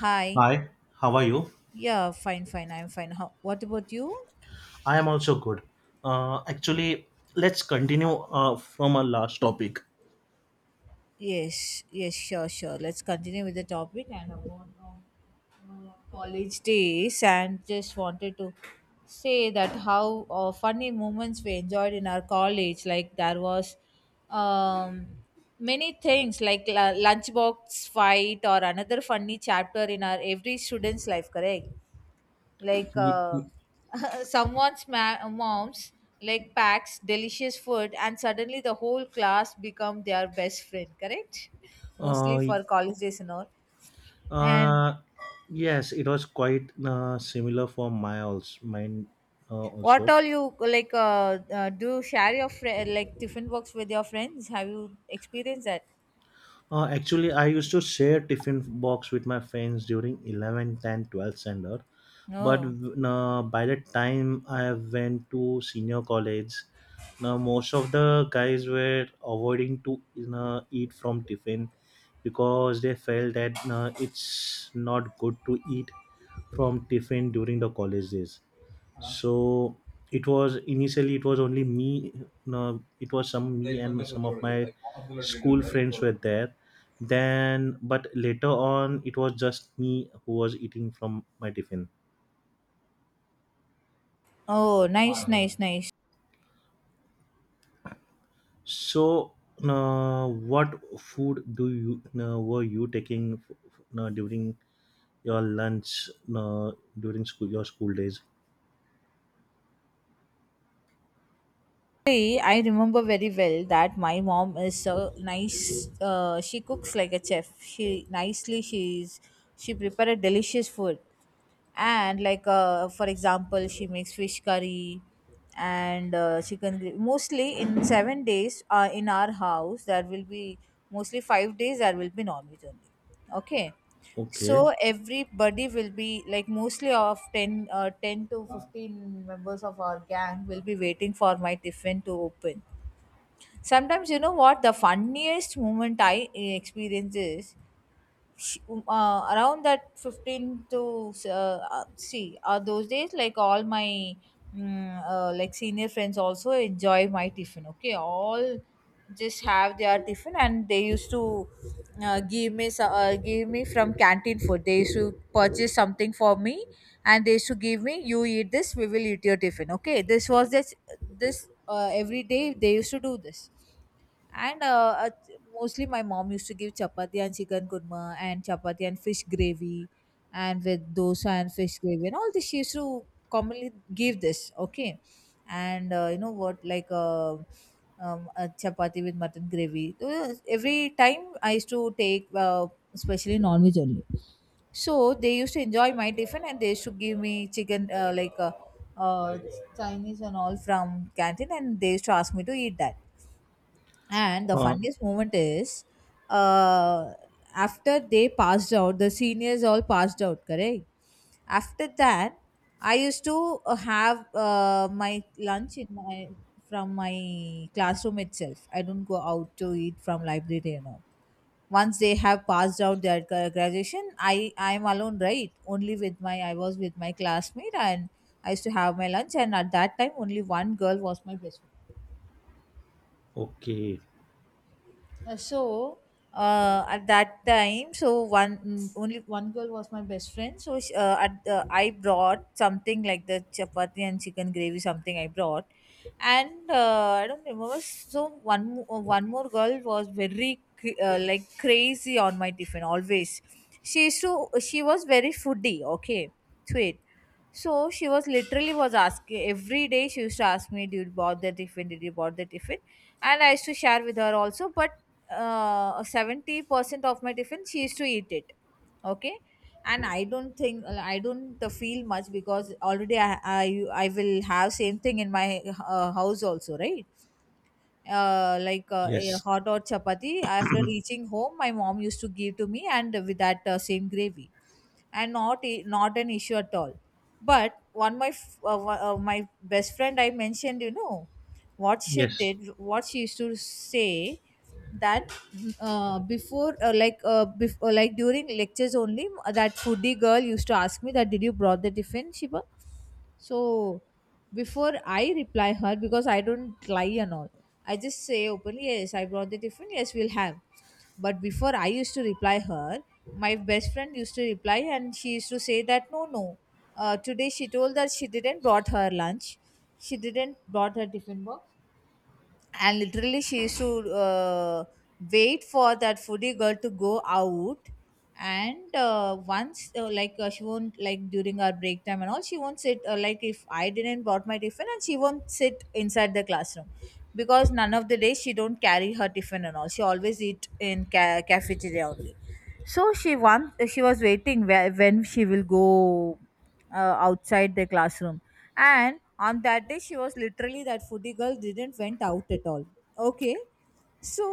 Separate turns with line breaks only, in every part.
Hi.
Hi, how are you?
Yeah, fine, fine. I'm fine. How, what about you?
I am also good. Actually, let's continue from our last topic.
Yes, yes, sure, sure. Let's continue with the topic and about college days. And just wanted to say that how funny moments we enjoyed in our college. Like there was um, many things like lunchbox fight or another funny chapter in our every student's life. Correct. like
Ye-
uh,
ye-
mom's like packs delicious food and suddenly the whole class become their best friend, correct. Mostly
Uh,
for college days and all. And
uh, yes, it was quite similar for my also, mine uh,
what
also.
all you like do you share your friend like different works with your friends, have you experienced that?
Actually, I used to share tiffin box with my friends during 11th and 12th standard. But
No.
by the time I went to senior college, now most of the guys were avoiding to eat from tiffin because they felt that it's not good to eat from tiffin during the college days. So it was initially it was only me, it was some me and some of my school friends were there then, but later on it was just me who was eating from my tiffin.
Oh, nice, nice, nice.
So, what food do you were you taking during your lunch uh, during school your school days?
Actually, I remember very well that my mom is so nice. She cooks like a chef. She nicely she prepare a delicious food, and like for example, she makes fish curry and chicken gravy. Mostly in 7 days, in our house there will be mostly 5 days there will be non veg only. Okay,
Okay.
so everybody will be like mostly of 10 to 15 members of our gang will be waiting for my tiffin to open. Sometimes you know what the funniest moment I experience is, around that 15 to, see, those days like all my like senior friends also enjoy my tiffin, okay. All just have their tiffin and they used to, give me from canteen food. They used to purchase something for me, and they used to give me, you eat this, we will eat your tiffin, okay. This was this this uh, every day they used to do this. And mostly my mom used to give chapati and chicken kurma, and chapati and fish gravy, and with dosa and fish gravy and all this. She used to commonly give this, okay? And you know what, a chapati with mutton gravy. Every time I used to take, especially non-veg only. So they used to enjoy my tiffin and they used to give me chicken, uh, Chinese and all from canteen, and they used to ask me to eat that. And the
Uh,
funniest moment is, uh, after they passed out, the seniors all passed out, correct? After that, I used to have my lunch in my, from my classroom itself. I don't go out to eat from library, you know. Once they have passed out their graduation, I am alone, right? Only with my, I was with my classmate, and I used to have my lunch. And at that time, only one girl was my best friend.
okay.
Uh, so at that time, so one, only one girl was my best friend. So she, at the, I brought something like the chapati and chicken gravy, something I brought. And I don't remember, so one more girl was very like crazy on my tiffin always. She used to, she was very foodie, okay, sweet. So she was literally was asking every day. She used to ask me, "Did you bought the tiffin? Did you bought the tiffin?" And I used to share with her also. But 70% of my tiffin, she used to eat it. Okay, and I don't think, I don't feel much because already I will have same thing in my house also, right? Uh, like a
Yes.
hot or chapati. After reaching home, my mom used to give to me and with that same gravy, and not an issue at all. But one my f- one- my best friend I mentioned, you know, what she
Yes.
did, what she used to say, that like during lectures only, that foodie girl used to ask me that did you brought the tiffin, Shiba. So before I reply her, because I don't lie and all, I just say openly, yes, I brought the tiffin, yes, we'll have. But before I used to reply her, my best friend used to reply, and she used to say that no, no. Today she told that she didn't brought her lunch. She didn't brought her tiffin box, and literally she used to wait for that foodie girl to go out. And once like she won't like during our break time and all, she won't sit, like if I didn't brought my tiffin, and she won't sit inside the classroom, because none of the days she don't carry her tiffin and all, she always eat in cafeteria only. So she wants, she was waiting where, when she will go outside the classroom. And on that day, she was literally, that foodie girl didn't went out at all, okay. So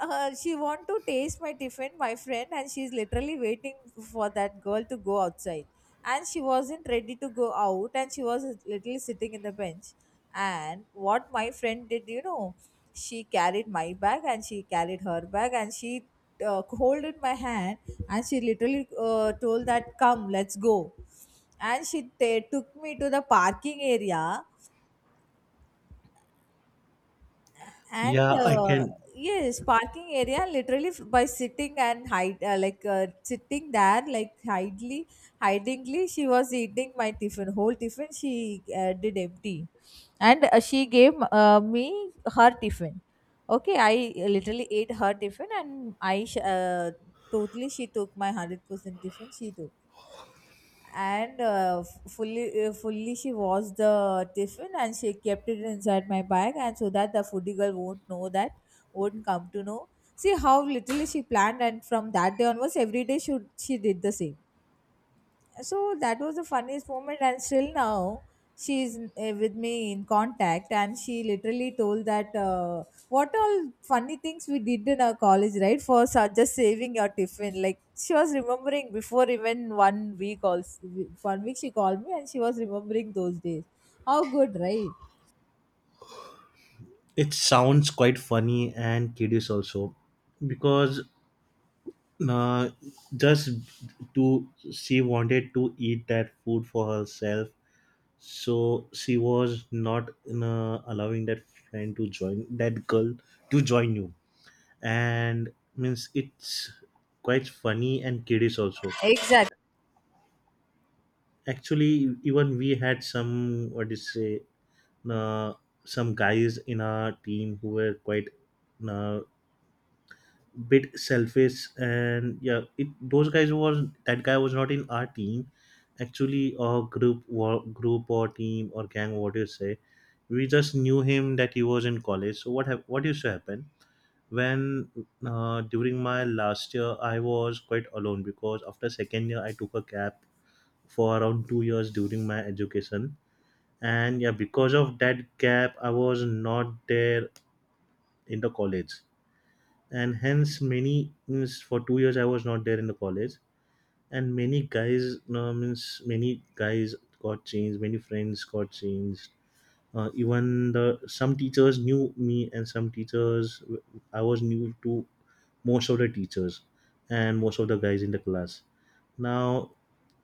she want to taste my tiffin, my friend, and she's literally waiting for that girl to go outside, and she wasn't ready to go out, and she was literally sitting in the bench. And what my friend did, you know, she carried my bag and she carried her bag, and she holded my hand, and she literally told that come, let's go. And she took me to the parking area. and
Yeah, I
uh,
can.
yes, parking area, literally by sitting and hide, sitting there like hidely, hidingly, she was eating my tiffin. Whole tiffin she did empty, and she gave me her tiffin, okay. I literally ate her tiffin, and totally she took my 100% tiffin, she took. And fully she washed the tiffin and she kept it inside my bag, and so that the foodie girl won't know that, won't come to know. See how little she planned, and from that day onwards, every day she did the same. So that was the funniest moment, and still now she's with me in contact, and she literally told that, what all funny things we did in our college, right? For such just saving your tiffin, like she was remembering. Before even 1 week also, 1 week, she called me and she was remembering those days. How good, right?
It sounds quite funny and kiddish also, because uh, just to, she wanted to eat that food for herself, so she was not allowing that friend to join that girl, to join you. And means it's quite funny and kiddish also.
Exactly.
Actually, even we had some, what do you say, uh, some guys in our team who were quite uh, bit selfish. And yeah, it those guys was that guy was not in our team actually, or group, or team, or gang, what do you say. We just knew him, that he was in college. So what what used to happen, when, during my last year I was quite alone because after second year I took a gap for around 2 years during my education. And yeah, because of that gap I was not there in the college, and hence many, means for 2 years I was not there in the college, and many guys, no, means many guys got changed, many friends got changed. Even the some teachers knew me, and some teachers I was new to. Most of the teachers and most of the guys in the class. Now,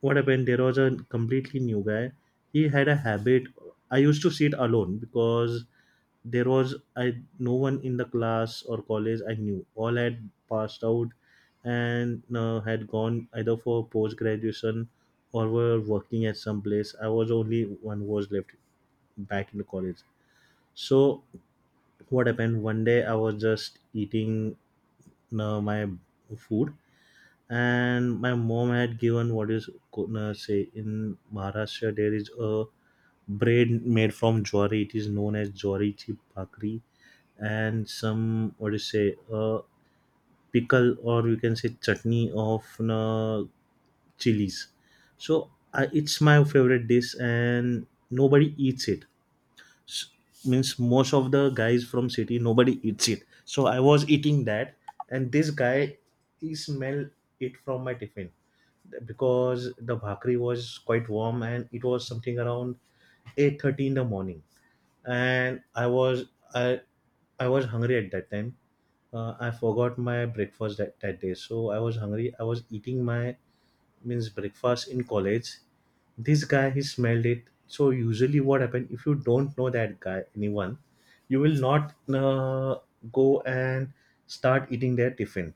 what happened? There was a completely new guy. He had a habit. I used to sit alone because there was I no one in the class or college I knew, all had passed out and had gone either for post graduation or were working at some place. I was only one who was left back in the college. So what happened, one day I was just eating my food, and my mom had given, what is, say, in Maharashtra there is a bread made from jwari, it is known as jwari chip bhakri, and some, what do you say, pickle, or you can say chutney of chilies. So I, it's my favorite dish and nobody eats it. S- Means most of the guys from city, nobody eats it. So I was eating that, and this guy, he smelled it from my tiffin because the bhakri was quite warm, and it was something around 8:30 in the morning. And I was, I I was hungry at that time. I forgot my breakfast that, that day, so I was hungry. I was eating my, means breakfast in college. This guy, he smelled it. So usually, what happen, if you don't know that guy, anyone, you will not go and start eating their tiffin.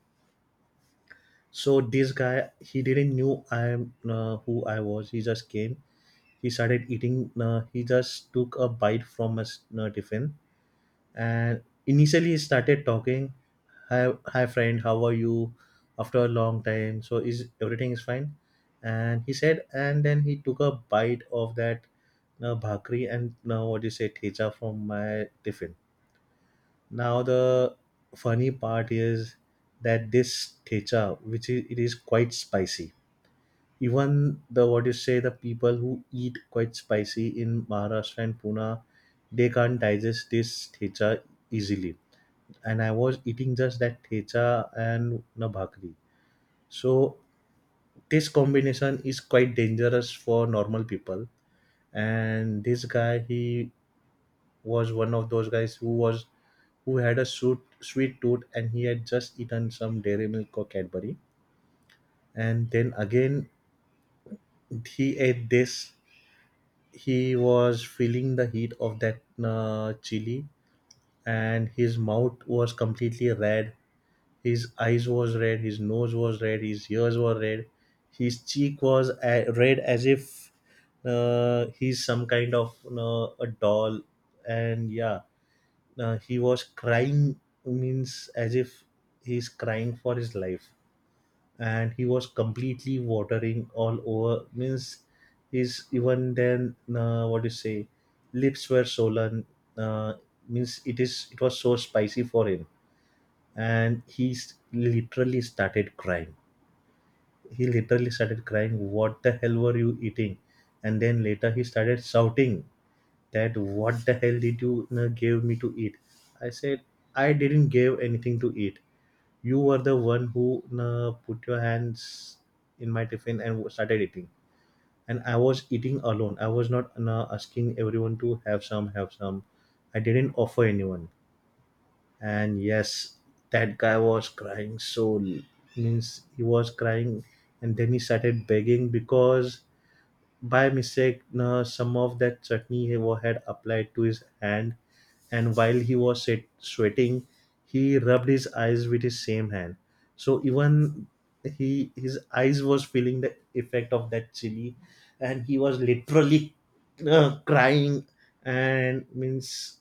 So this guy, he didn't knew I am, who I was. He just came, he started eating, he just took a bite from his tiffin. And initially he started talking, hi, hi friend, how are you, after a long time, so is everything is fine. And he said, and then he took a bite of that bhakri and now, what you say, thecha from my tiffin. Now the funny part is that this thecha, which is, it is quite spicy. Even the, what you say, the people who eat quite spicy in Maharashtra and Pune, they can't digest this thecha easily. And I was eating just that thecha and na bhakri. So this combination is quite dangerous for normal people. And this guy, he was one of those guys who was, who had a sweet tooth, and he had just eaten some dairy milk or Cadbury. And then again, he ate this. He was feeling the heat of that chili, and his mouth was completely red. His eyes was red, his nose was red, his ears were red, his cheek was red, as if he's some kind of a doll. And yeah, he was crying, means as if he's crying for his life. And he was completely watering all over, means his, even then, what do you say, lips were swollen. uh, Means it is, it was so spicy for him, and he literally started crying. He literally started crying, what the hell were you eating? And then later he started shouting that, what the hell did you give me to eat? I said, I didn't give anything to eat. You were the one who put your hands in my tiffin and started eating. And I was eating alone, I was not asking everyone to have some. I didn't offer anyone. And yes, that guy was crying so means he was crying. And then he started begging, because by mistake some of that chutney he had applied to his hand, and while he was sweating, he rubbed his eyes with his same hand. So even he, his eyes was feeling the effect of that chili, and he was literally crying. And means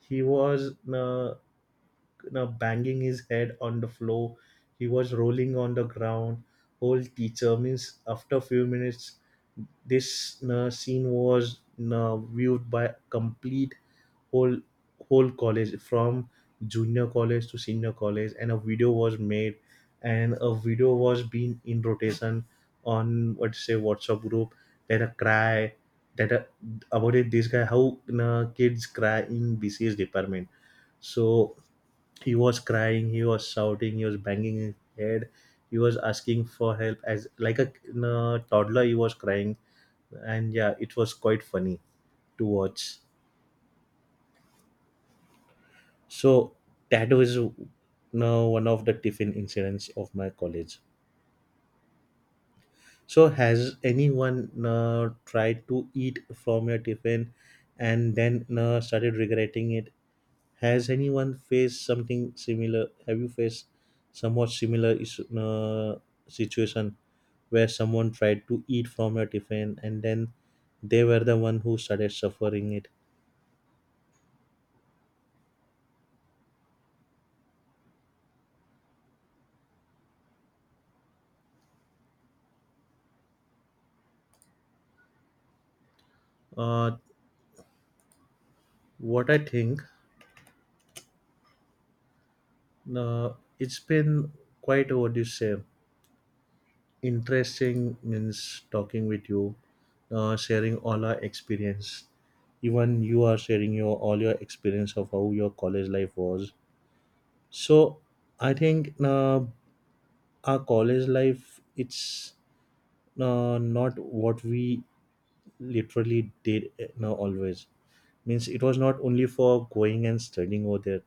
he was, banging his head on the floor. He was rolling on the ground. Whole teacher, means after a few minutes, this scene was viewed by complete whole, college from junior college to senior college, and a video was made, and a video was being in rotation on, what say, WhatsApp group. That a cry, that about it, this guy, how kids cry in BCS department. So he was crying, he was shouting, he was banging his head, he was asking for help, as like a toddler, he was crying. And yeah, it was quite funny to watch. So that was one of the tiffin incidents of my college. So has anyone tried to eat from your tiffin and then started regretting it? Has anyone faced something similar? Have you faced somewhat similar issue, situation, where someone tried to eat from your tiffin and then they were the one who started suffering it? Uh, what I think, uh, it's been quite, what do you say, interesting, means talking with you, sharing all our experience. Even you are sharing your, all your experience of how your college life was. So I think, our college life, it's not what we literally did, no, always, means it was not only for going and studying over there,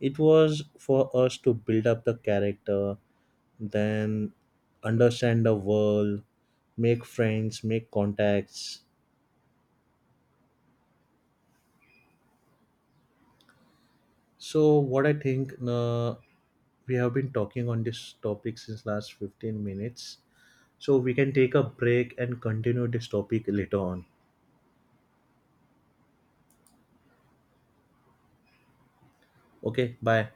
it was for us to build up the character, then understand the world, make friends, make contacts. So what I think, we have been talking on this topic since last 15 minutes, so we can take a break and continue this topic later on. Okay, bye.